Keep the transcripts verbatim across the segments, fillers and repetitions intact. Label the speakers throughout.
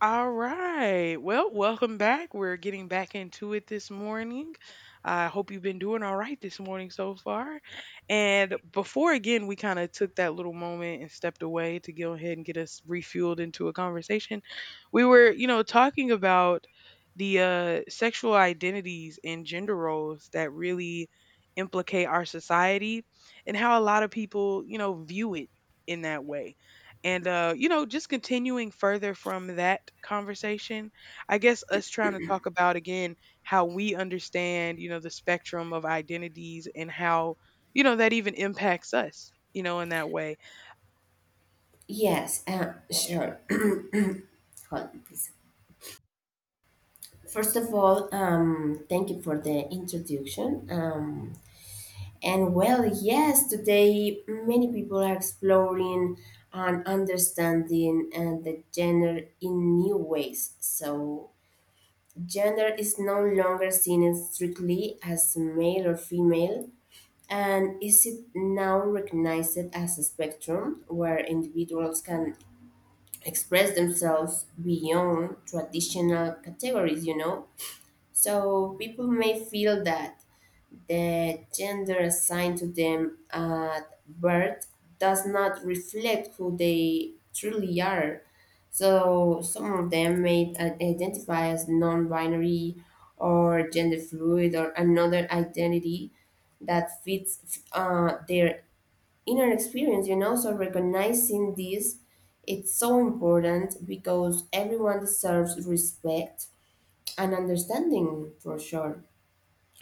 Speaker 1: All right. Well, welcome back. We're getting back into it this morning. I hope you've been doing all right this morning so far. And before again, we kind of took that little moment and stepped away to go ahead and get us refueled into a conversation. We were, you know, talking about the uh, sexual identities and gender roles that really implicate our society and how a lot of people, you know, view it in that way and uh you know, just continuing further from that conversation. I guess us trying to talk about again how we understand, you know, the spectrum of identities and how, you know, that even impacts us, you know, in that way.
Speaker 2: Yes, uh, sure. Hold on, please. First of all, um, thank you for the introduction. Um, and well, yes, today many people are exploring and understanding and the gender in new ways. So, gender is no longer seen strictly as male or female, and is it now recognized as a spectrum where individuals can express themselves beyond traditional categories, you know? So people may feel that the gender assigned to them at birth does not reflect who they truly are. So some of them may i- identify as non binary or gender fluid or another identity that fits uh, their inner experience, you know. So recognizing this, it's so important because everyone deserves respect and understanding for sure.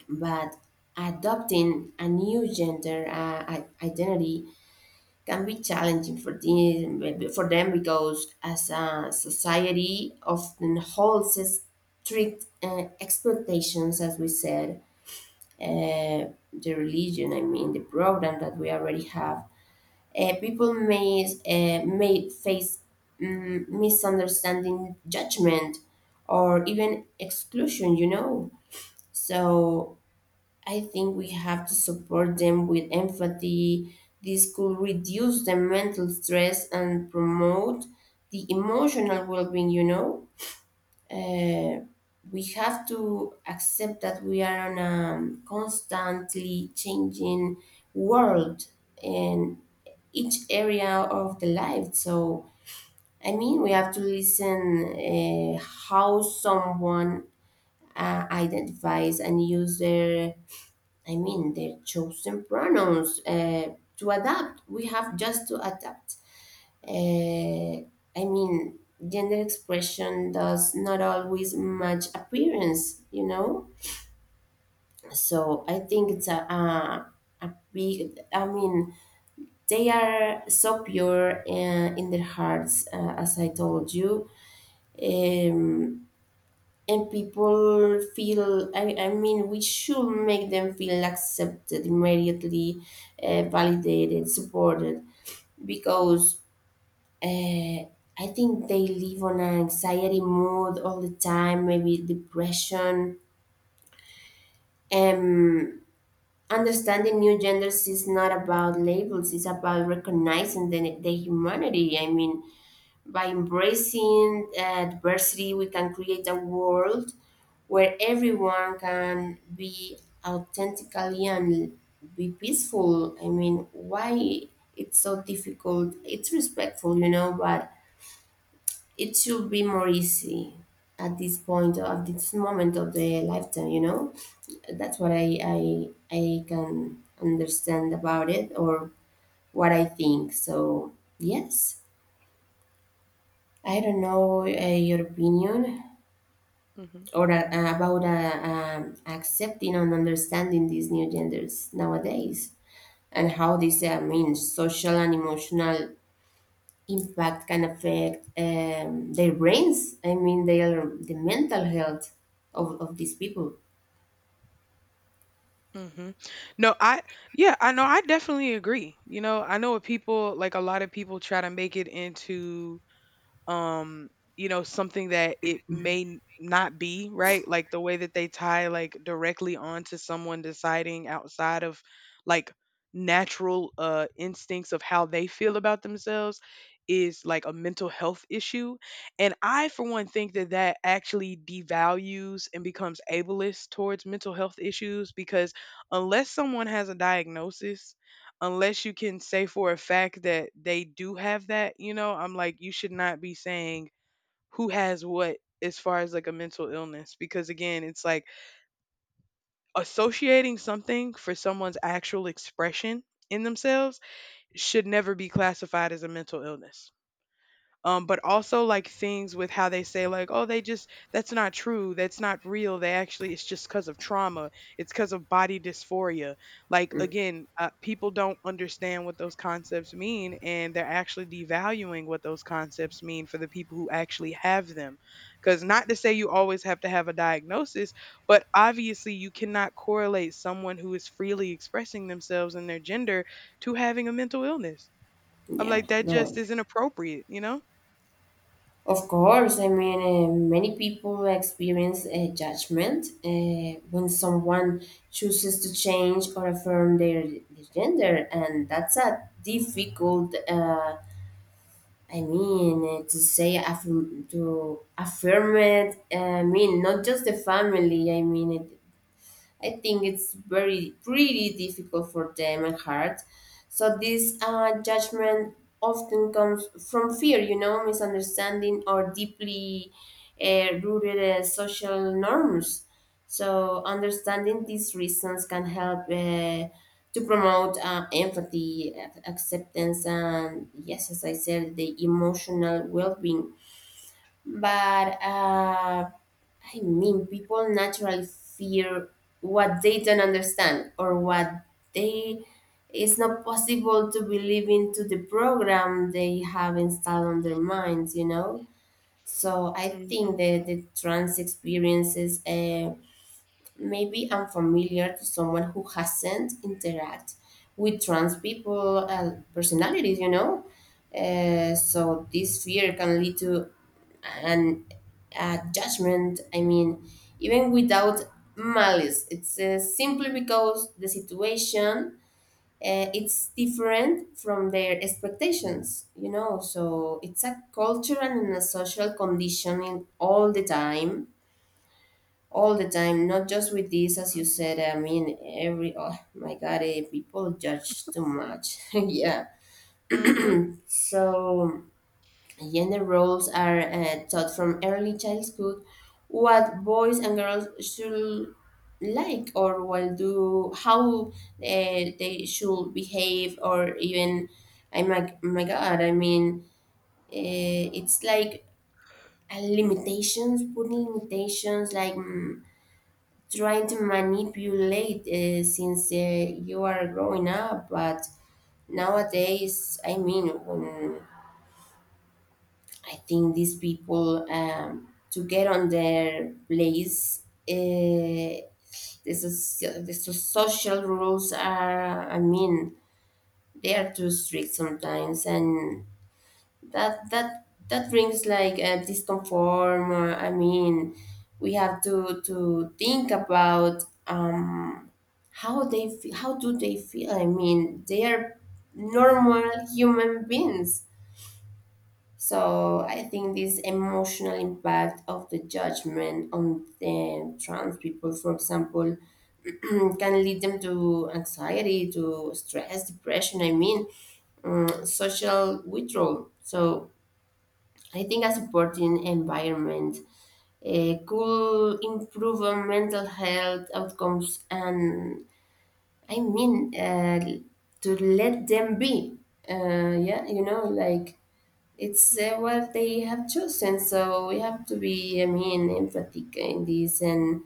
Speaker 2: But adopting a new gender uh, i- identity can be challenging for them, for them because as a society often holds strict uh, expectations, as we said, uh, the religion, I mean, the program that we already have uh, people may uh, may face mm, misunderstanding, judgment, or even exclusion. You know, so I think we have to support them with empathy. This could reduce the mental stress and promote the emotional well-being. You know. Uh, we have to accept that we are on a constantly changing world and each area of the life. So, I mean, we have to listen uh, how someone uh, identifies and use their, I mean, their chosen pronouns uh, to adapt. We have just to adapt. Uh, I mean, gender expression does not always match appearance, you know? So I think it's a, a, a big, I mean, they are so pure uh, in their hearts, uh, as I told you. Um, and people feel, I, I mean, we should make them feel accepted immediately, uh, validated, supported, because uh, I think they live on an anxiety mood all the time, maybe depression. Um, understanding new genders is not about labels, it's about recognizing the, the humanity. I mean, by embracing uh, diversity, we can create a world where everyone can be authentically and be peaceful. I mean, why it's so difficult? It's respectful, you know, but it should be more easy at this point of this moment of the lifetime, you know. That's what I I, I can understand about it or what I think. So yes, I don't know uh, your opinion,
Speaker 1: hmm
Speaker 2: or a, about uh, um, accepting and understanding these new genders nowadays and how this uh, means social and emotional impact can affect um, their brains, I mean their the mental health of, of these people.
Speaker 1: hmm no, I yeah, I know I definitely agree. You know, I know what people, like a lot of people try to make it into, um you know, something that it may n- not be right, like the way that they tie, like directly onto someone deciding outside of like natural uh instincts of how they feel about themselves is like a mental health issue. And I for one think that that actually devalues and becomes ableist towards mental health issues because unless someone has a diagnosis, unless you can say for a fact that they do have that, you know, I'm like, you should not be saying who has what as far as like a mental illness. Because again, it's like associating something for someone's actual expression in themselves should never be classified as a mental illness. Um but also like things with how they say, like, oh, they just, that's not true, that's not real, they actually, it's just because of trauma, it's because of body dysphoria. Like
Speaker 2: Mm.
Speaker 1: again, uh, people don't understand what those concepts mean, and they're actually devaluing what those concepts mean for the people who actually have them. Because not to say you always have to have a diagnosis, but obviously you cannot correlate someone who is freely expressing themselves and their gender to having a mental illness. I'm
Speaker 2: Yeah,
Speaker 1: like, that
Speaker 2: no,
Speaker 1: just isn't appropriate, you know.
Speaker 2: of course, I mean uh, many people experience a judgment uh, when someone chooses to change or affirm their, their gender and that's a difficult uh, I mean, uh, to say, affirm, to affirm it, eh, I mean, not just the family, I mean, it, I think it's very pretty difficult for them and hard. So this uh, judgment often comes from fear, you know, misunderstanding or deeply uh, rooted uh, social norms. So understanding these reasons can help uh, to promote uh, empathy, ac- acceptance, and yes, as I said, the emotional well-being. But um I mean, people naturally fear what they don't understand or what they it's not possible to believe into the program they have installed on their minds, you know. So I think
Speaker 1: Mhm.
Speaker 2: that the trans experiences uh, may be unfamiliar to someone who hasn't interact with trans people uh, personalities, you know. Uh, so this fear can lead to and uh, judgment. I mean, even without malice, it's uh, simply because the situation uh, it's different from their expectations. You know, so it's a culture and a social conditioning all the time, all the time. Not just with this, as you
Speaker 1: mm
Speaker 2: said. I mean, every oh my god, eh, people judge too much. Yeah.
Speaker 1: mhm.
Speaker 2: So Gender roles are uh, taught from early childhood what boys and girls should like or will do, how uh, they should behave, or even, I'm like, my God, I mean, uh, it's like uh, limitations, putting limitations, like mm, trying to manipulate uh, since uh, you are growing up. But nowadays, I mean, when I think these people um, to get on their place. Uh, this is this is social rules are. I mean, they are too strict sometimes, and that that that brings like a discomfort. uh, I mean, we have to to think about um, how they fe- how do they feel. I mean, they are normal human beings so I think this emotional impact of the judgment on the trans people, for example, can lead them to anxiety, to stress, depression. I mean, um, social withdrawal. So I think a supporting environment uh, could improve on mental health outcomes, and I mean, uh, to let them be. Uh, yeah, you know, like it's uh, what they have chosen. So we have to be, I mean, empathic in this, and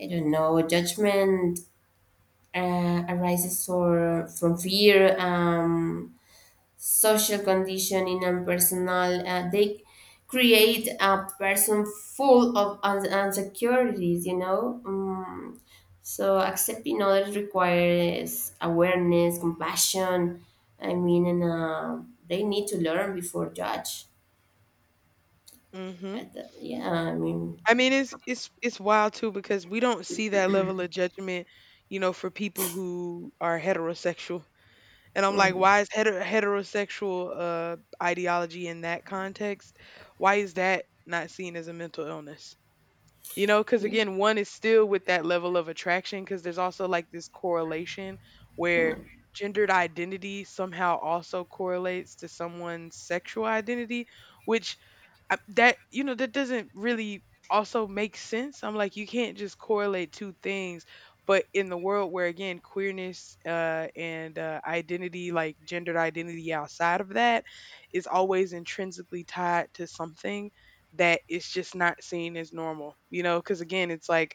Speaker 2: I don't know, judgment uh, arises or from fear, um, social conditioning, and personal. Uh, they create a person full of un- insecurities, you know. Um, so accepting others requires awareness, compassion. I mean, and uh, they need to learn before judge.
Speaker 1: Mhm.
Speaker 2: At the, yeah, I mean.
Speaker 1: I mean, it's it's it's wild too, because we don't see that level of judgment, you know, for people who are heterosexual. And I'm like,
Speaker 2: Mm.
Speaker 1: why is heter- heterosexual uh ideology in that context? Why is that not seen as a mental illness? You know, because
Speaker 2: Yeah,
Speaker 1: again, one is still with that level of attraction, because there's also like this correlation where gendered identity somehow also correlates to someone's sexual identity, which I, that, you know, that doesn't really also make sense. I'm like, you can't just correlate two things. But in the world where again queerness uh, and uh, identity, like gendered identity outside of that is always intrinsically tied to something that is just not seen as normal, you know, because again it's like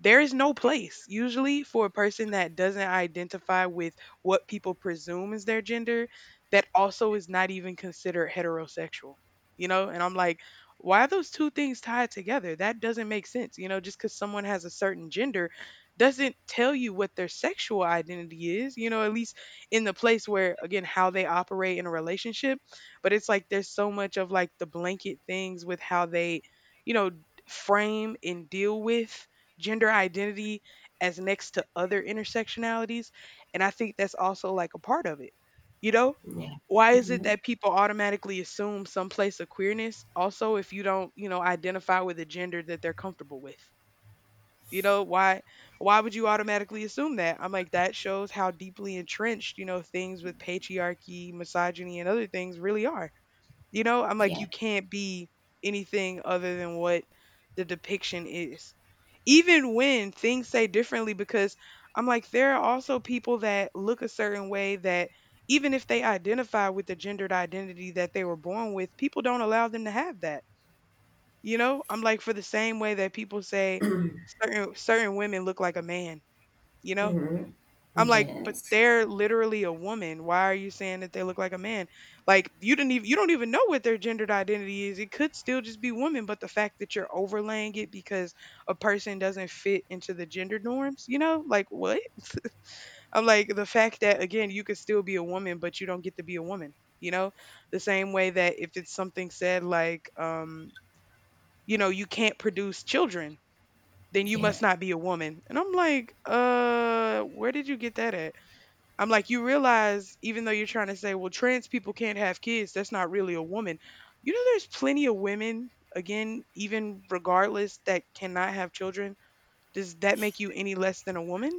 Speaker 1: there is no place usually for a person that doesn't identify with what people presume is their gender, that also is not even considered heterosexual, you know? And I'm like, why are those two things tied together? That doesn't make sense. You know, just because someone has a certain gender doesn't tell you what their sexual identity is, you know, at least in the place where, again, how they operate in a relationship. But it's like there's so much of like the blanket things with how they, you know, frame and deal with gender identity as next to other intersectionalities. And I think that's also like a part of it, you know?
Speaker 2: yeah.
Speaker 1: Why is it
Speaker 2: Mhm.
Speaker 1: that people automatically assume some place of queerness also if you don't, you know, identify with a gender that they're comfortable with? You know, why why would you automatically assume that? I'm like, that shows how deeply entrenched, you know, things with patriarchy, misogyny, and other things really are. You know, I'm like,
Speaker 2: Yeah.
Speaker 1: you can't be anything other than what the depiction is. Even when things say differently, because I'm like, there are also people that look a certain way that even if they identify with the gendered identity that they were born with, people don't allow them to have that. You know, I'm like, for the same way that people say certain certain women look like a man, you know?
Speaker 2: Mhm.
Speaker 1: I'm like, but
Speaker 2: Yes.
Speaker 1: they're literally a woman. Why are you saying that they look like a man? Like you didn't even, you don't even know what their gendered identity is. It could still just be woman, but the fact that you're overlaying it because a person doesn't fit into the gender norms, you know, like what? I'm like, the fact that again you could still be a woman, but you don't get to be a woman. You know, the same way that if it's something said like, um, you know, you can't produce children, then you
Speaker 2: Yeah.
Speaker 1: must not be a woman. And I'm like, uh, where did you get that at? I'm like, you realize, even though you're trying to say, well, trans people can't have kids, that's not really a woman. You know, there's plenty of women, again, even regardless, that cannot have children. Does that make you any less than a woman?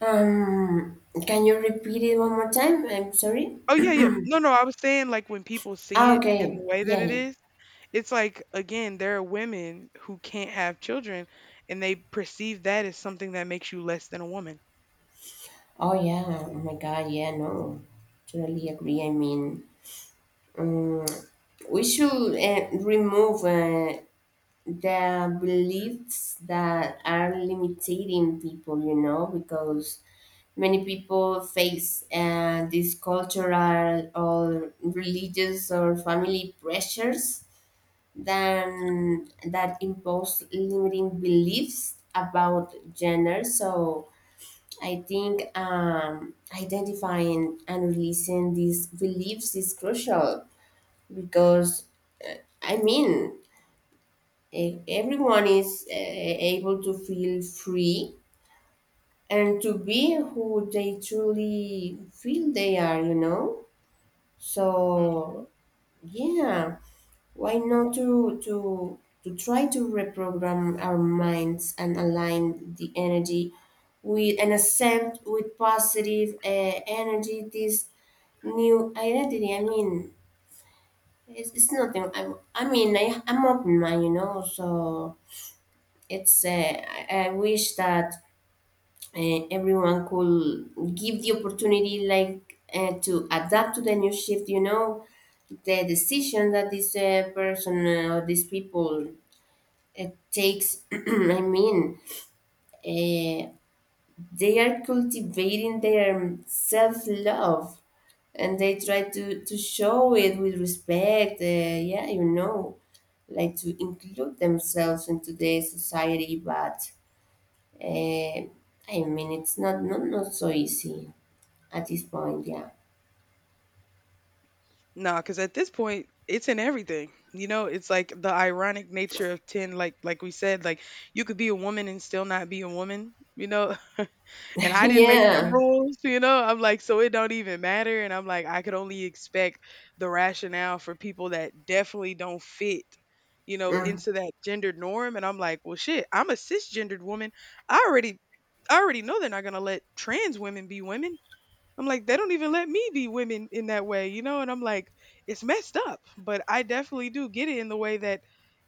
Speaker 2: Um, can you repeat it one more time? I'm sorry.
Speaker 1: Oh, yeah, yeah. No, no, I was saying, like, when people
Speaker 2: Ah,
Speaker 1: see it in
Speaker 2: okay.
Speaker 1: the way that
Speaker 2: Yeah,
Speaker 1: it
Speaker 2: yeah.
Speaker 1: is, it's like, again, there are women who can't have children and they perceive that as something that makes you less than a woman.
Speaker 2: Oh, yeah. Oh my God. Yeah, no. Totally agree. I mean, um, we should uh, remove uh, the beliefs that are limiting people, you know, because many people face uh, these cultural or religious or family pressures than that impose limiting beliefs about gender. So I think um, identifying and releasing these beliefs is crucial because I mean E- everyone is uh, able to feel free and to be who they truly feel they are you know so
Speaker 1: Mm.
Speaker 2: yeah, why not to to to try to reprogram our minds and align the energy with and accept with positive uh, energy this new identity. I mean it's, it's, nothing. I, I mean I, i'm open mind you know so It's uh, I I wish that uh, everyone could give the opportunity, like uh, to adapt to the new shift. You know, the decision that this uh, person uh, or these people uh, takes. I mean, uh, they are cultivating their self love, and they try to to show it with respect. Uh, yeah, you know, like to include themselves into the society, but Uh, I mean, it's not, not not so easy at this point. Yeah.
Speaker 1: No, because at this point, it's in everything. You know, it's like the ironic nature of ten. Like, like we said, like you could be a woman and still not be a woman. You know, and I didn't make them
Speaker 2: Yeah.
Speaker 1: rules. You know, I'm like, so it don't even matter. And I'm like, I could only expect the rationale for people that definitely don't fit. You know,
Speaker 2: Mm.
Speaker 1: into that gendered norm. And I'm like, well, shit, I'm a cisgendered woman. I already, I already know they're not gonna let trans women be women. I'm like, they don't even let me be women in that way, you know? And I'm like, it's messed up. But I definitely do get it in the way that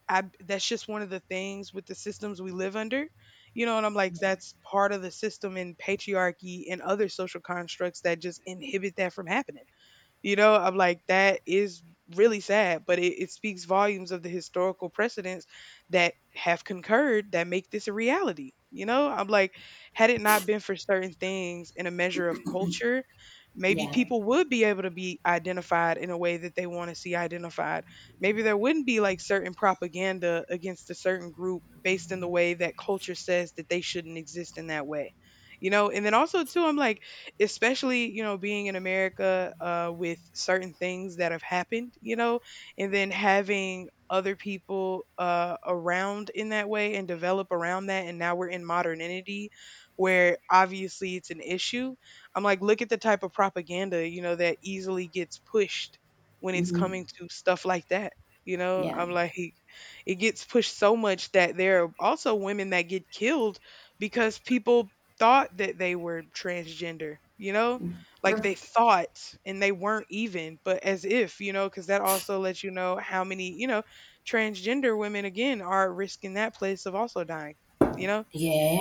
Speaker 1: I, that's just one of the things with the systems we live under. You know, and I'm like,
Speaker 2: Yeah.
Speaker 1: that's part of the system in patriarchy and other social constructs that just inhibit that from happening. You know, I'm like, that is really sad, but it, it speaks volumes of the historical precedents that have concurred that make this a reality. You know, I'm like, had it not been for certain things in a measure of culture, maybe
Speaker 2: Yeah.
Speaker 1: people would be able to be identified in a way that they want to see identified. Maybe there wouldn't be like certain propaganda against a certain group based in the way that culture says that they shouldn't exist in that way. You know, and then also too, I'm like, especially you know being in America uh, with certain things that have happened, you know, and then having other people uh, around in that way and develop around that. And now we're in modernity where obviously it's an issue. I'm like, look at the type of propaganda, you know, that easily gets pushed when it's
Speaker 2: Hmm.
Speaker 1: coming to stuff like that. You know,
Speaker 2: Yeah.
Speaker 1: I'm like, it gets pushed so much that there are also women that get killed because people thought that they were transgender, you know? Like
Speaker 2: Mm.
Speaker 1: they thought and they weren't even, but as if, you know, because that also lets you know how many, you know, transgender women again are risking that place of also dying, you know?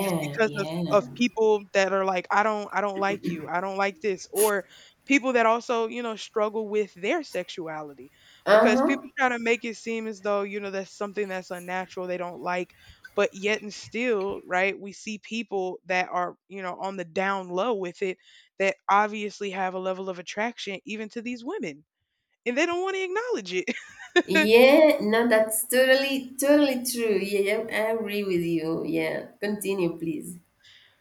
Speaker 1: Just because of of
Speaker 2: Yeah.
Speaker 1: people that are like, I don't, I don't like you. I don't like this. Or people that also, you know, struggle with their sexuality
Speaker 2: Uh
Speaker 1: because
Speaker 2: huh.
Speaker 1: people try to make it seem as though, you know, that's something that's unnatural they don't like. But yet and still, right, we see people that are, you know, on the down low with it that obviously have a level of attraction even to these women, and they don't want to acknowledge it.
Speaker 2: Yeah. No, that's totally totally true. Yeah, I agree with you. Yeah. Continue, please.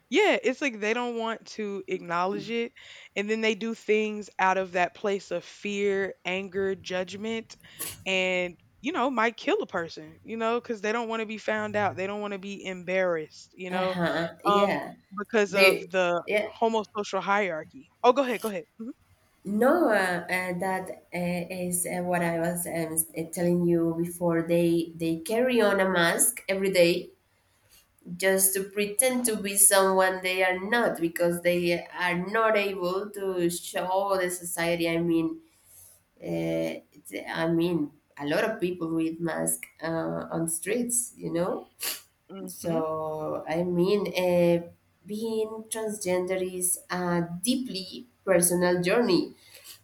Speaker 1: Yeah, it's like they don't want to acknowledge it. And then they do things out of that place of fear, anger, judgment, and, you know, might kill a person, you know, because they don't want to be found out. They don't want to be embarrassed, you
Speaker 2: Uh
Speaker 1: know,
Speaker 2: huh.
Speaker 1: um,
Speaker 2: Yeah.
Speaker 1: because
Speaker 2: They.
Speaker 1: of the
Speaker 2: Yeah.
Speaker 1: homosocial hierarchy. Oh, go ahead. Go ahead.
Speaker 2: No, uh, uh, that uh, is uh, what I was um, s- uh, telling you before. They they carry on a mask every day just to pretend to be someone they are not because they are not able to show the society. I mean, uh, it's- I mean, a lot of people with masks uh, on streets, you know.
Speaker 1: hmm
Speaker 2: So I mean, uh, being transgender is a deeply personal journey,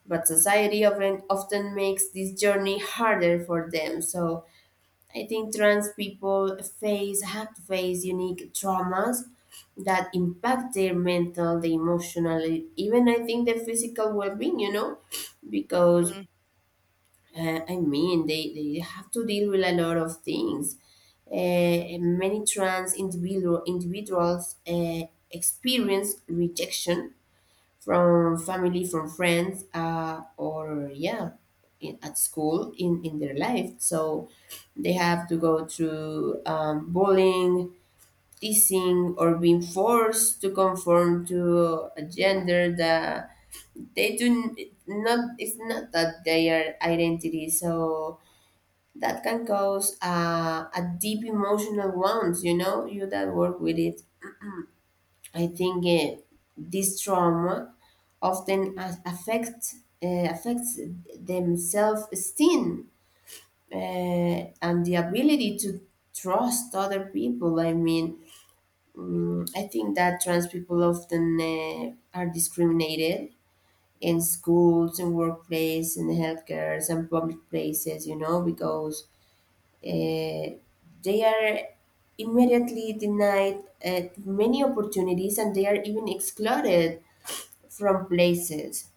Speaker 2: but society often often makes this journey harder for them. So I think trans people face have to face unique traumas that impact their mental, the emotional, even I think the physical well-being. You know, because
Speaker 1: hmm
Speaker 2: uh, I mean they they have to deal with a lot of things. Uh, many trans individual individuals uh, experience rejection from family, from friends, uh, or yeah, in, at school in, in their life. So they have to go through um, bullying, teasing, or being forced to conform to a gender that they do n- not, it's not that their identity. So that can cause uh, a deep emotional wounds, you know, you that work with it I think uh, this trauma often a- affect uh, affects them self esteem uh, and the ability to trust other people. I mean, mm, I think that trans people often uh, are discriminated in schools and workplace and healthcare and public places. You know, because uh, they are immediately denied uh, many opportunities and they are even excluded from places.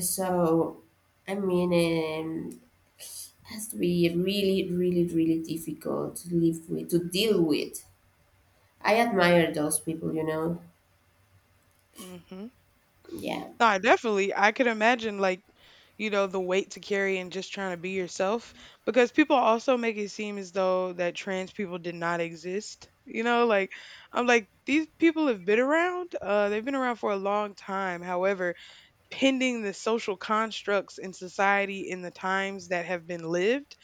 Speaker 2: So, I mean, um, it has to be really, really, really difficult to live with, to deal with. I admire those people, you know.
Speaker 1: hmm
Speaker 2: Yeah.
Speaker 1: No, I definitely. I could imagine like, you know, the weight to carry and just trying to be yourself because people also make it seem as though that trans people did not exist. You know, like I'm like, these people have been around. Uh, they've been around for a long time. However, pending the social constructs in society in the times that have been lived.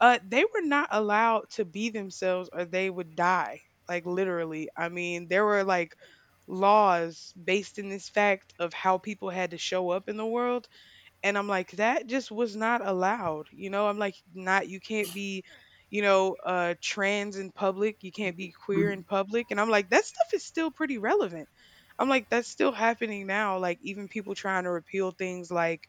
Speaker 1: Uh, they were not allowed to be themselves or they would die. Like literally. I mean, there were like laws based in this fact of how people had to show up in the world, and I'm like, that just was not allowed. You know, I'm like, not, you can't be, you know, uh, trans in public. You can't be queer
Speaker 2: Mm.
Speaker 1: in public. And I'm like, that stuff is still pretty relevant. I'm like, that's still happening now. Like, even people trying to repeal things like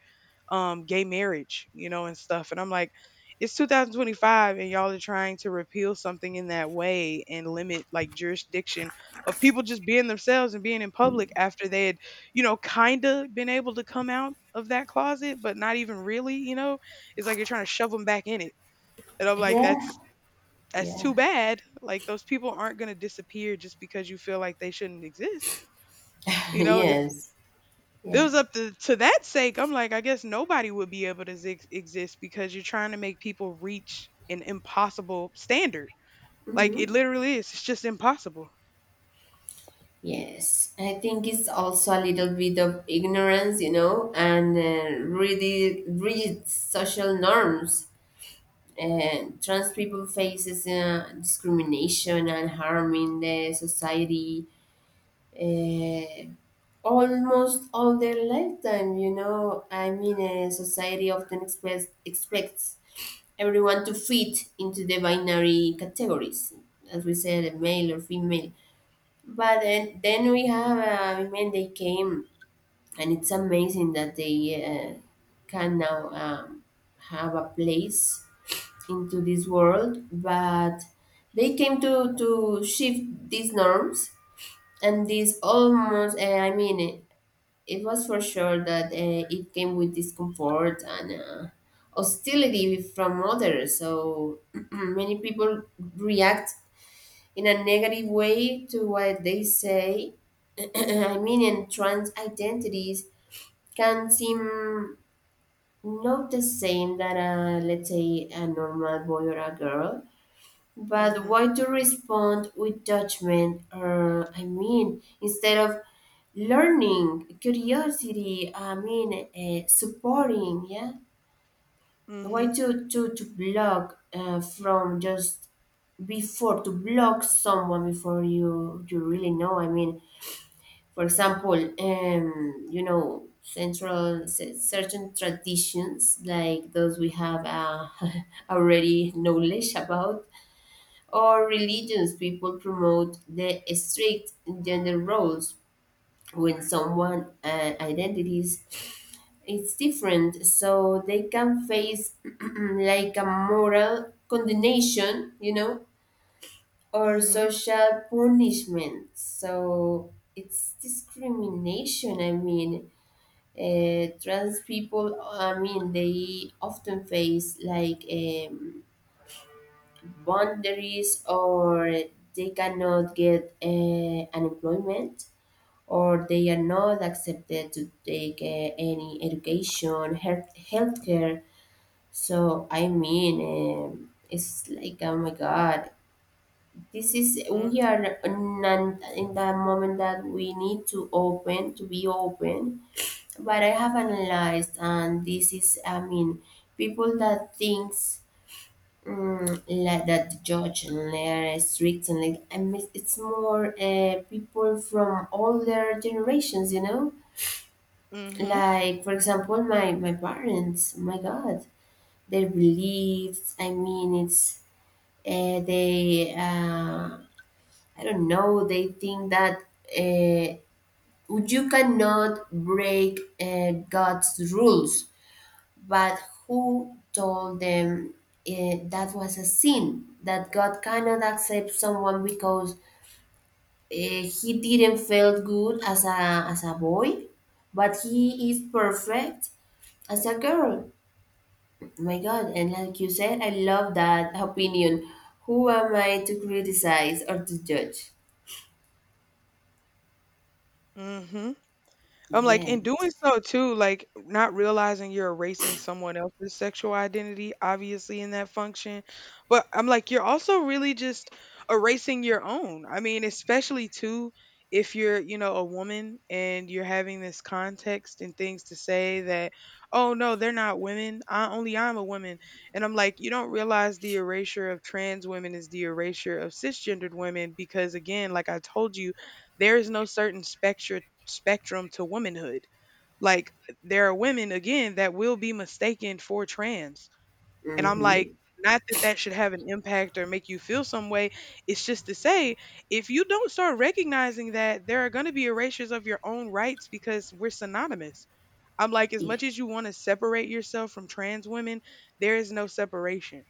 Speaker 1: um, gay marriage, you know, and stuff. And I'm like, it's two thousand twenty-five and y'all are trying to repeal something in that way and limit like jurisdiction of people just being themselves and being in public after they had, you know, kinda been able to come out of that closet, but not even really, you know? It's like you're trying to shove them back in it. And I'm like,
Speaker 2: Yeah.
Speaker 1: that's that's
Speaker 2: Yeah.
Speaker 1: too bad. Like those people aren't gonna disappear just because you feel like they shouldn't exist. You know, if
Speaker 2: Yes.
Speaker 1: it
Speaker 2: Yeah.
Speaker 1: was up to to that sake, I'm like, I guess nobody would be able to zix exist because you're trying to make people reach an impossible standard. Like it
Speaker 2: Hmm.
Speaker 1: literally is. It's just impossible.
Speaker 2: Yes. I think it's also a little bit of ignorance, you know, and uh, really rigid social norms. Uh, trans people faces uh, discrimination and harm in the society Uh, almost all their lifetime. You know, I mean, a society often express, expects everyone to fit into the binary categories, as we said, male or female. But then, then we have uh, women, they came, and it's amazing that they uh, can now um, have a place into this world, but they came to, to shift these norms and these almost, uh, I mean, eh, it was for sure that uh, it came with discomfort and uh, hostility from others. So many people react in a negative way to what they say. I mean, and trans identities can seem not the same that, uh, let's say, a normal boy or a girl. But
Speaker 1: Mhm.
Speaker 2: why to respond with judgment, or I mean, instead of learning curiosity i mean uh, supporting, yeah. Why
Speaker 1: Mhm.
Speaker 2: to to to block, uh, from just before to block someone before you you really know, i mean for example, um you know central cer- certain traditions like those we have, uh, already knowledge about, or religions. People promote the strict gender roles. When someone, uh, identities it's different, so they can face like a moral condemnation, you know, or
Speaker 1: Mhm.
Speaker 2: social punishment. So it's discrimination, i mean uh, Trans people, i mean they often face like, um, boundaries, or they cannot get, uh, unemployment, or they are not accepted to take, uh, any education, health healthcare. So I mean, um, it's like oh my god, this is we
Speaker 1: Mhm.
Speaker 2: are non, in that moment that we need to open to be open. But I have analyzed, and this is I mean, people that thinks, mm, like that, judge and they're strict, and like I mean, it's more, uh, people from older generations, you know.
Speaker 1: Mhm.
Speaker 2: Like for example, my my parents, my god, their beliefs. I mean, it's, uh, they uh, I don't know, they think that, uh, you cannot break, uh, God's rules. But who told them, uh, that was a sin, that God cannot accept someone because, uh, he didn't feel good as a as a boy, but he is perfect as a girl. My God, and like you said, I love that opinion. Who am I to criticize or to judge?
Speaker 1: Mhm. I'm like, in doing
Speaker 2: Yes.
Speaker 1: so too, like not realizing you're erasing someone else's sexual identity, obviously in that function. But I'm like, you're also really just erasing your own. I mean, especially too, if you're, you know, a woman and you're having this context and things to say that, oh no, they're not women. I only I'm a woman. And I'm like, you don't realize the erasure of trans women is the erasure of cisgendered women because again, like I told you, there is no certain spectrum spectrum to womanhood. Like there are women again that will be mistaken for trans. And I'm
Speaker 2: Mm-hmm.
Speaker 1: like, not that that should have an impact or make you feel some way. It's just to say, if you don't start recognizing that, there are going to be erasures of your own rights because we're synonymous. I'm like, as
Speaker 2: Yeah.
Speaker 1: much as you want to separate yourself from trans women, there is no separation.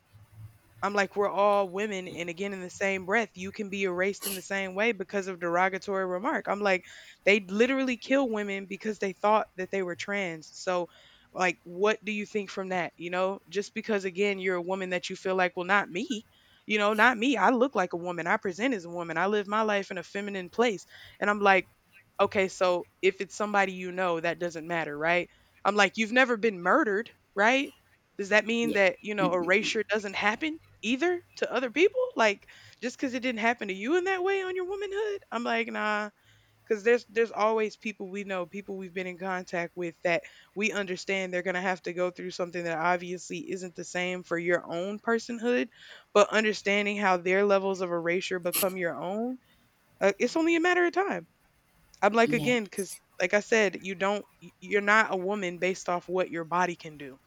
Speaker 1: I'm like, we're all women. And again, in the same breath, you can be erased in the same way because of derogatory remark. I'm like, they literally kill women because they thought that they were trans. So, like, what do you think from that? You know, just because, again, you're a woman that you feel like, well, not me. You know, not me. I look like a woman. I present as a woman. I live my life in a feminine place. And I'm like, okay, so if it's somebody you know, that doesn't matter, right? I'm like, you've never been murdered, right? Does that mean
Speaker 2: Yeah.
Speaker 1: that, you know, erasure doesn't happen either to other people? Like just because it didn't happen to you in that way on your womanhood, I'm like, nah. Because there's there's always people we know, people we've been in contact with that we understand they're gonna have to go through something that obviously isn't the same for your own personhood, but understanding how their levels of erasure become your own, uh, it's only a matter of time. I'm like again, because
Speaker 2: Yes.
Speaker 1: like I said, you don't y- you're not a woman based off what your body can do.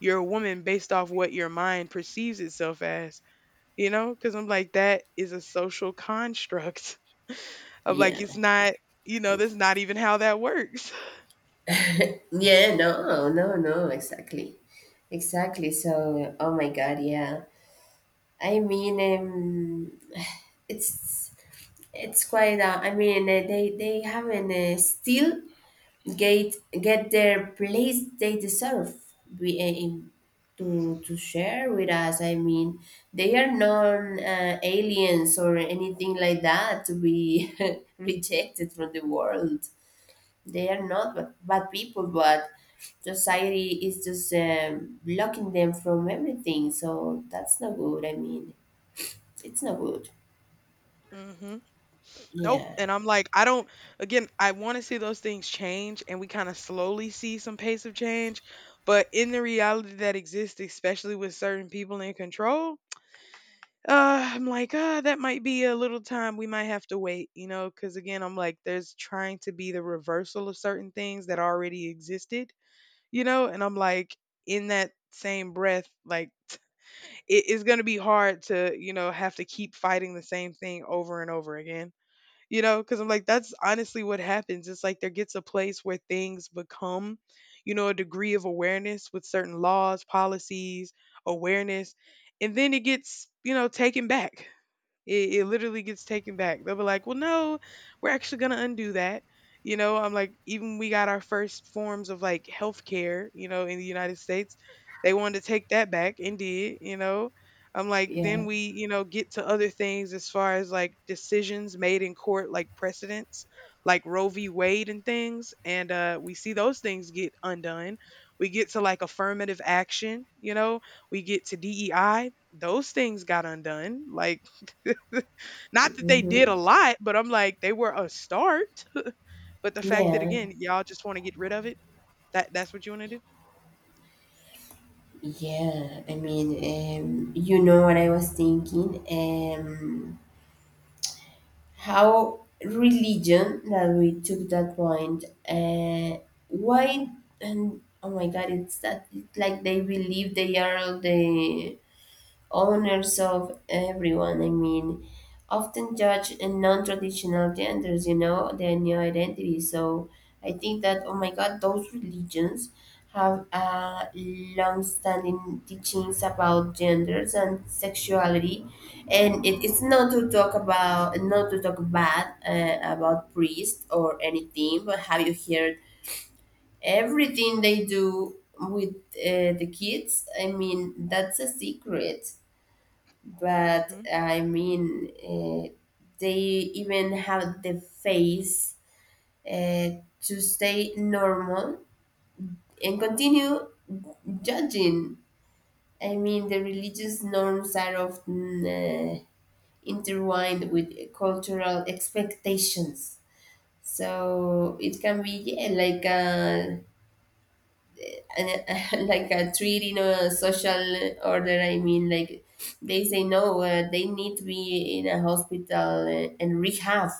Speaker 1: You're a woman based off what your mind perceives itself as, you know, because I'm like, that is a social construct of like,
Speaker 2: Yeah.
Speaker 1: it's not, you know, that's not even how that works.
Speaker 2: Yeah, no, no, no, exactly. Exactly. So, oh my God, yeah. I mean, um, it's it's quite. Uh, I mean, uh, they they haven't, uh, still get get their place they deserve. We aim to to share with us, i mean they are not, uh, aliens or anything like that to be rejected from the world. They are not bad, bad people, but society is just, um, blocking them from everything, so that's not good, i mean it's not good.
Speaker 1: Hmm. Nope.
Speaker 2: Yeah.
Speaker 1: And I'm like, I don't, again, I want to see those things change and we kind of slowly see some pace of change. But in the reality that exists, especially with certain people in control, uh, I'm like, ah, that might be a little time we might have to wait, you know, because again, I'm like, there's trying to be the reversal of certain things that already existed, you know. And I'm like, in that same breath, like it, it's gonna be hard to, you know, have to keep fighting the same thing over and over again, you know, because I'm like, that's honestly what happens. It's like there gets a place where things become, you know, a degree of awareness with certain laws, policies, awareness, and then it gets, you know, taken back. It, it literally gets taken back. They'll be like, well, no, we're actually going to undo that. You know, I'm like, even we got our first forms of like healthcare, you know, in the United States. They wanted to take that back and did, you know. I'm like,
Speaker 2: Yeah.
Speaker 1: then we, you know, get to other things as far as like decisions made in court, like precedents, like Roe v. Wade and things. And uh, we see those things get undone. We get to like affirmative action, you know, we get to D E I, those things got undone. Like, not that they did a
Speaker 2: Hmm.
Speaker 1: lot, but I'm like, they were a start. But the fact that
Speaker 2: Yeah.
Speaker 1: again, y'all just want to get rid of it, that that's what you want to do.
Speaker 2: Yeah, I mean, um, you know what I was thinking? Um, how religion, that we took that point, uh, why, and oh my God, it's that, it's like they believe they are the owners of everyone, I mean, often judge in non-traditional genders, you know, their new identity. So I think that, oh my God, those religions have, uh, long-standing teachings about genders and sexuality. And it, it's not to talk about, not to talk bad, uh, about priests or anything, but have you heard everything they do with, uh, the kids? I mean, that's a secret, but
Speaker 1: Mhm.
Speaker 2: I mean, uh, they even have the face, uh, to stay normal and continue judging. I mean, the religious norms are often, uh, intertwined with cultural expectations. So it can be, yeah, like a, and, uh, like a treat in a social order, I mean, like they say no, uh, they need to be in a hospital and, and rehab.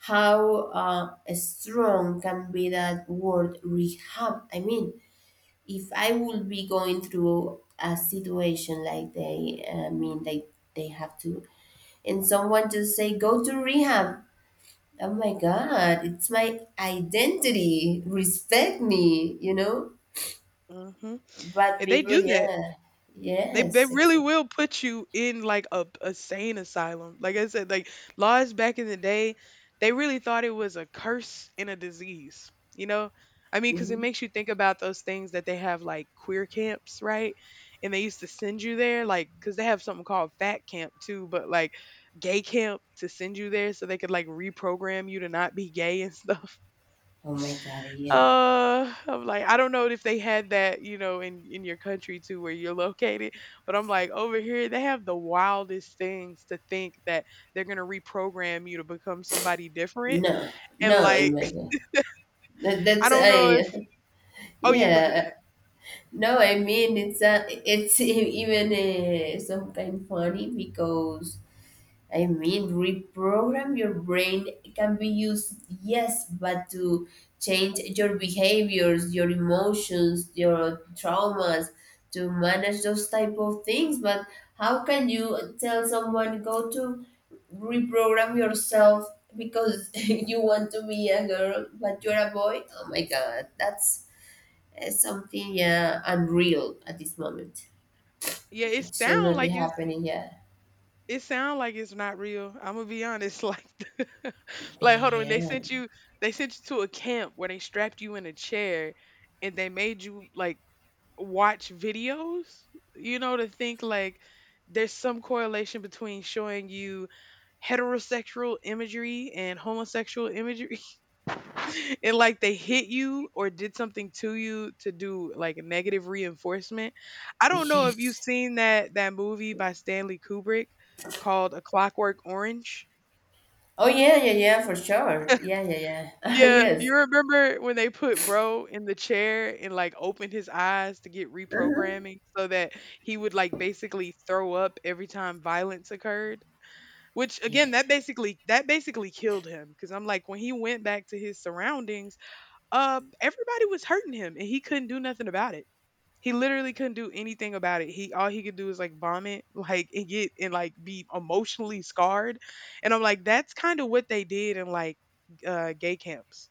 Speaker 2: How, uh, strong can be that word, rehab, I mean. If I would be going through a situation like they, i mean like they have to, and someone just say go to rehab, oh my god, it's my identity, respect me, you know.
Speaker 1: Mhm.
Speaker 2: But
Speaker 1: And they
Speaker 2: people,
Speaker 1: do that.
Speaker 2: yeah,
Speaker 1: They they
Speaker 2: yes, it's,
Speaker 1: really will put you in like a, a sane asylum. Like I said, like laws back in the day, they really thought it was a curse and a disease. You know, I mean, because it
Speaker 2: mhm.
Speaker 1: makes you think about those things that they have like queer camps, right? And they used to send you there, like because they have something called fat camp too, but like gay camp to send you there so they could like reprogram you to not be gay and stuff.
Speaker 2: Oh my god, yeah,
Speaker 1: Uh, I'm like, I don't know if they had that, you know, in in your country too, where you're located. But I'm like, over here, they have the wildest things to think that they're gonna reprogram you to become somebody different.
Speaker 2: no,
Speaker 1: And
Speaker 2: no, oh
Speaker 1: like,
Speaker 2: my god, that,
Speaker 1: I
Speaker 2: that's
Speaker 1: don't know if.
Speaker 2: I,
Speaker 1: Oh yeah, go ahead, go
Speaker 2: yeah.
Speaker 1: ahead.
Speaker 2: No, I mean it's, uh, it's even, uh, sometimes funny because I mean, reprogram your brain can be used, yes, but to change your behaviors, your emotions, your traumas, to manage those type of things. But how can you tell someone go to reprogram yourself because you want to be a girl but you're a boy? Oh my God, that's, uh, something, yeah, unreal at this moment.
Speaker 1: Yeah, it
Speaker 2: It should
Speaker 1: sound
Speaker 2: not be
Speaker 1: like it's
Speaker 2: happening. Yeah,
Speaker 1: it sound like it's not real. I'm gonna be honest, like, like hold on, they sent
Speaker 2: man.
Speaker 1: you they sent you to a camp where they strapped you in a chair and they made you like watch videos, you know, to think like there's some correlation between showing you heterosexual imagery and homosexual imagery and like they hit you or did something to you to do like negative reinforcement. I don't know if you've
Speaker 2: Yes.
Speaker 1: seen that that movie by Stanley Kubrick called A Clockwork Orange.
Speaker 2: Oh yeah, yeah, yeah, for sure. Yeah, yeah, yeah. Oh,
Speaker 1: Yeah,
Speaker 2: yes.
Speaker 1: you remember when they put bro in the chair and like opened his eyes to get
Speaker 2: Uh-huh.
Speaker 1: reprogramming so that he would like basically throw up every time violence occurred? Which
Speaker 2: Yeah.
Speaker 1: again, that basically that basically killed him because I'm like when he went back to his surroundings, uh everybody was hurting him and he couldn't do nothing about it. He literally couldn't do anything about it. He all he could do is like vomit, like and get and like be emotionally scarred. And I'm like that's kind of what they did in like uh gay camps,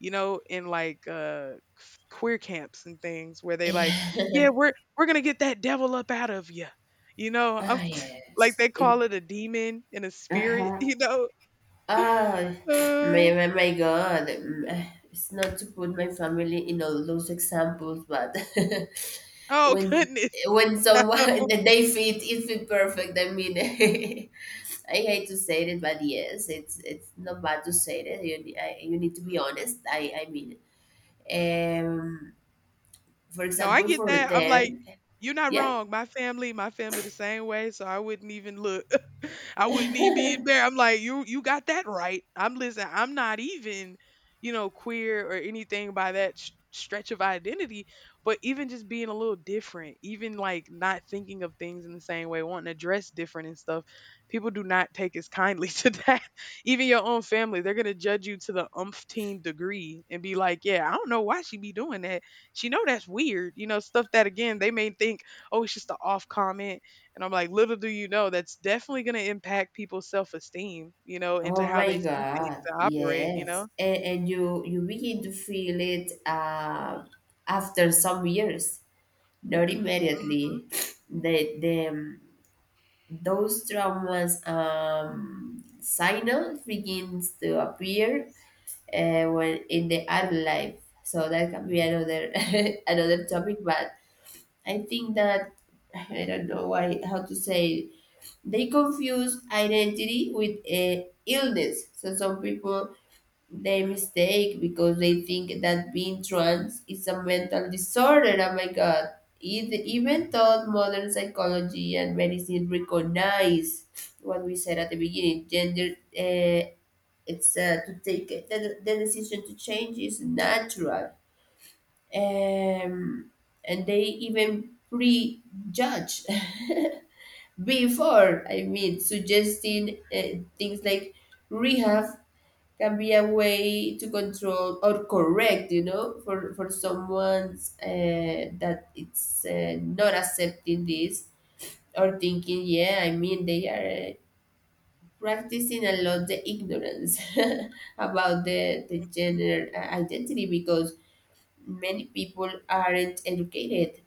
Speaker 1: you know, in like uh f- queer camps and things where they like, yeah,
Speaker 2: Yeah.
Speaker 1: we're we're gonna get that devil up out of you, you know. I
Speaker 2: Ah,
Speaker 1: like
Speaker 2: yes.
Speaker 1: they call it a demon and a spirit,
Speaker 2: Uh-huh.
Speaker 1: you know.
Speaker 2: Ah, my,
Speaker 1: Uh,
Speaker 2: my, my God. Mm, ah, it's not to put my family in all those examples, but
Speaker 1: oh
Speaker 2: when
Speaker 1: goodness.
Speaker 2: when someone that they fit, it fit perfect. I mean, I hate to say it, but yes, it's it's not bad to say it. You, ne- I, you need to be honest. I I mean, um, for
Speaker 1: No, I
Speaker 2: example,
Speaker 1: get
Speaker 2: for
Speaker 1: that. I'm like,
Speaker 2: them,
Speaker 1: you're not
Speaker 2: yeah.
Speaker 1: wrong. My family, my family the same way, so I wouldn't even look. I wouldn't even be embarrassed. I'm like, you you got that right. I'm listen, I'm not even, you know, queer or anything by that sh- stretch of identity, but even just being a little different, even like not thinking of things in the same way, wanting to dress different and stuff, people do not take as kindly to that. Even your own family, they're gonna judge you to the umpteen degree and be like, yeah, I don't know why she be doing that, she know that's weird, you know, stuff that again they may think, oh it's just an off comment. And I'm like, little do you know that's definitely going to impact people's self-esteem, you know, into
Speaker 2: Oh
Speaker 1: how
Speaker 2: my
Speaker 1: they see things
Speaker 2: God,
Speaker 1: and operate, you
Speaker 2: yes.
Speaker 1: know.
Speaker 2: And, and you you begin to feel it, uh, after some years, not immediately. The, the um, those traumas, um, signals begins to appear, uh, when in the adult life. So that can be another another topic, but I think that I don't know why how to say it. They confuse identity with, uh, illness. So some people they mistake because they think that being trans is a mental disorder. Oh my God. It, even though modern psychology and medicine recognize what we said at the beginning, gender, uh, it's, uh, to take it- the, the decision to change is natural. Um, and they even prejudge before, I mean, suggesting, uh, things like rehab can be a way to control or correct, you know, for for someone's, uh, that it's, uh, not accepting this, or thinking, yeah, I mean they are, uh, practicing a lot the ignorance about the the gender, uh, identity, because many people aren't educated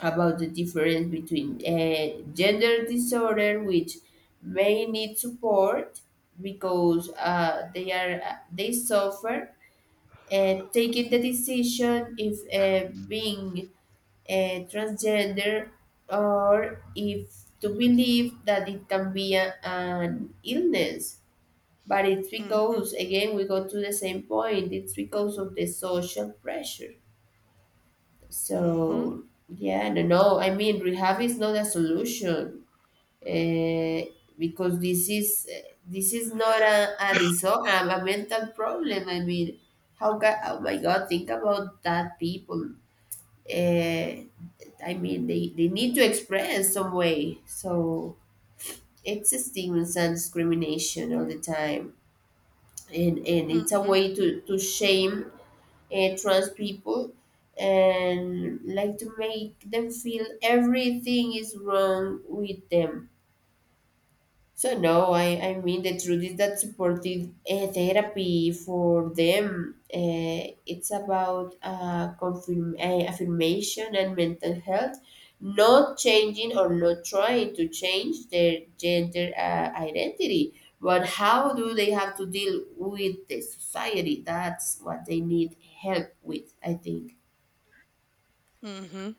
Speaker 2: about the difference between, uh, gender disorder, which may need support because, uh, they are uh, they suffer, uh, taking the decision if, uh, being, uh, transgender, or if to believe that it can be a, an illness. But it's
Speaker 1: Hmm.
Speaker 2: because, again, we go to the same point, it's because of the social pressure.
Speaker 1: Hmm. Hmm.
Speaker 2: So, yeah, I don't know. I mean, rehab is not a solution, uh, because this is this is not a, a disorder, a mental problem. I mean, how can oh my God, think about that people. Uh, I mean, they, they need to express some way. So it's stigmas and discrimination all the time, and and it's a
Speaker 1: Hmm.
Speaker 2: way to to shame, uh, trans people, and like to make them feel everything is wrong with them. So no, I, I mean the truth is that supportive, uh, therapy for them, uh, it's about, uh, confirm uh, affirmation and mental health, not changing or not trying to change their gender, uh, identity, but how do they have to deal with the society? That's what they need help with, I think.
Speaker 1: Hmm.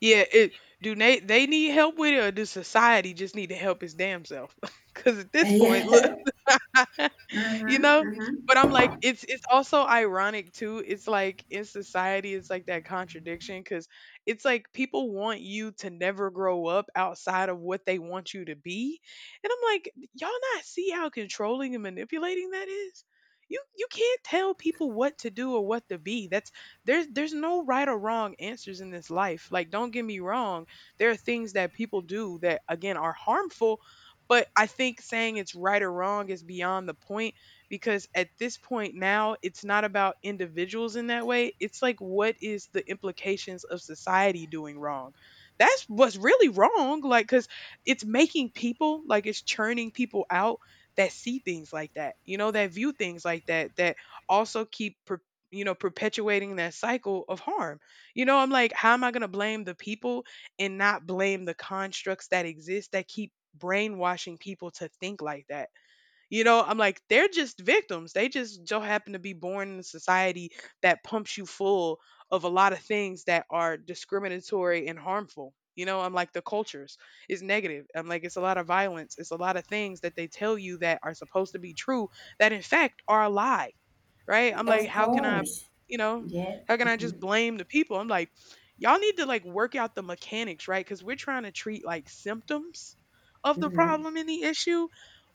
Speaker 1: Yeah, it do they they need help with it or does society just need to help his damn self? Because at this point, look.
Speaker 2: Yeah.
Speaker 1: You
Speaker 2: Mm-hmm.
Speaker 1: know?
Speaker 2: Mm-hmm.
Speaker 1: But I'm like, it's it's also ironic too. It's like in society, it's like that contradiction because it's like people want you to never grow up outside of what they want you to be, and I'm like, y'all not see how controlling and manipulating that is. You you can't tell people what to do or what to be. That's there's there's no right or wrong answers in this life. Like, don't get me wrong, there are things that people do that again are harmful, but I think saying it's right or wrong is beyond the point because at this point now it's not about individuals in that way. It's like what is the implications of society doing wrong? That's what's really wrong, like, because it's making people, like it's churning people out that see things like that, you know, that view things like that, that also keep per- you know, perpetuating that cycle of harm, you know. I'm like, how am I going to blame the people and not blame the constructs that exist that keep brainwashing people to think like that, you know? I'm like, they're just victims. They just so happen to be born in a society that pumps you full of a lot of things that are discriminatory and harmful. You know, I'm like, the cultures is negative. I'm like, it's a lot of violence. It's a lot of things that they tell you that are supposed to be true that in fact are a lie. Right. I'm like,
Speaker 2: Of
Speaker 1: how can I,
Speaker 2: course,
Speaker 1: you know,
Speaker 2: yeah.
Speaker 1: how can I
Speaker 2: Hmm.
Speaker 1: just blame the people? I'm like, y'all need to like work out the mechanics, right? Because we're trying to treat like symptoms of the
Speaker 2: Hmm.
Speaker 1: problem and the issue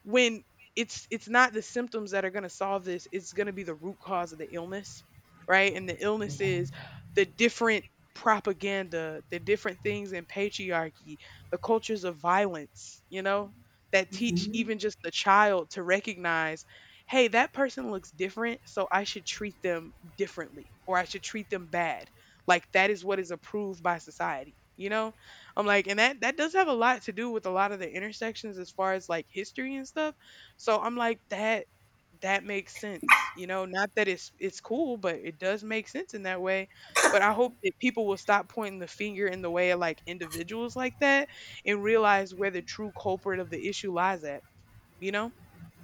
Speaker 1: when it's it's not the symptoms that are going to solve this. It's going to be the root cause of the illness, right? And the illness is the different propaganda, the different things in patriarchy, the cultures of violence, you know, that teach
Speaker 2: Hmm.
Speaker 1: even just the child to recognize, hey, that person looks different, so I should treat them differently or I should treat them bad. Like that is what is approved by society, you know. I'm like, and that that does have a lot to do with a lot of the intersections as far as like history and stuff. So I'm like, that that makes sense, you know, not that it's it's cool, but it does make sense in that way. But I hope that people will stop pointing the finger in the way of like individuals like that and realize where the true culprit of the issue lies at, you know?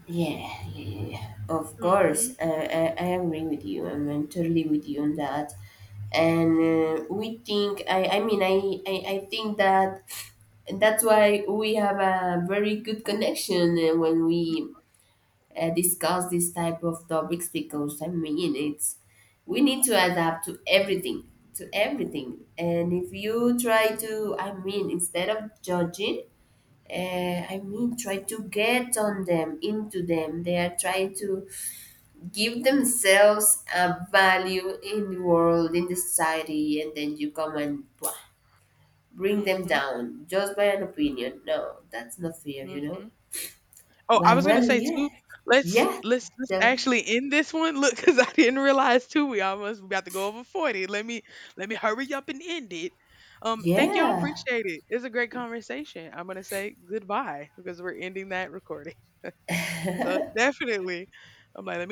Speaker 2: Yeah, yeah, yeah. Of
Speaker 1: Mhm.
Speaker 2: course, I, I, I agree with you. I'm I'm totally with you on that. And, uh, we think, I, I mean, I, I, I think that that's why we have a very good connection, uh, when we, uh, discuss this type of topics because, I mean, it's we need to adapt to everything, to everything. And if you try to, I mean, instead of judging, uh, I mean, try to get on them, into them. They are trying to give themselves a value in the world, in the society, and then you come and pwah, bring them
Speaker 1: Mhm.
Speaker 2: down just by an opinion. No, that's not fair, you know.
Speaker 1: Mhm. Oh, I
Speaker 2: But
Speaker 1: was gonna
Speaker 2: well,
Speaker 1: say too,
Speaker 2: yeah,
Speaker 1: let's
Speaker 2: yeah,
Speaker 1: let's let's
Speaker 2: them,
Speaker 1: actually end this one. Look, because I didn't realize too we almost about to go over forty. Let me let me hurry up and end it. Um, thank y'all,
Speaker 2: yeah.
Speaker 1: appreciate it. It's a great conversation. I'm gonna say goodbye because we're ending that recording. So definitely, I'm like, let me go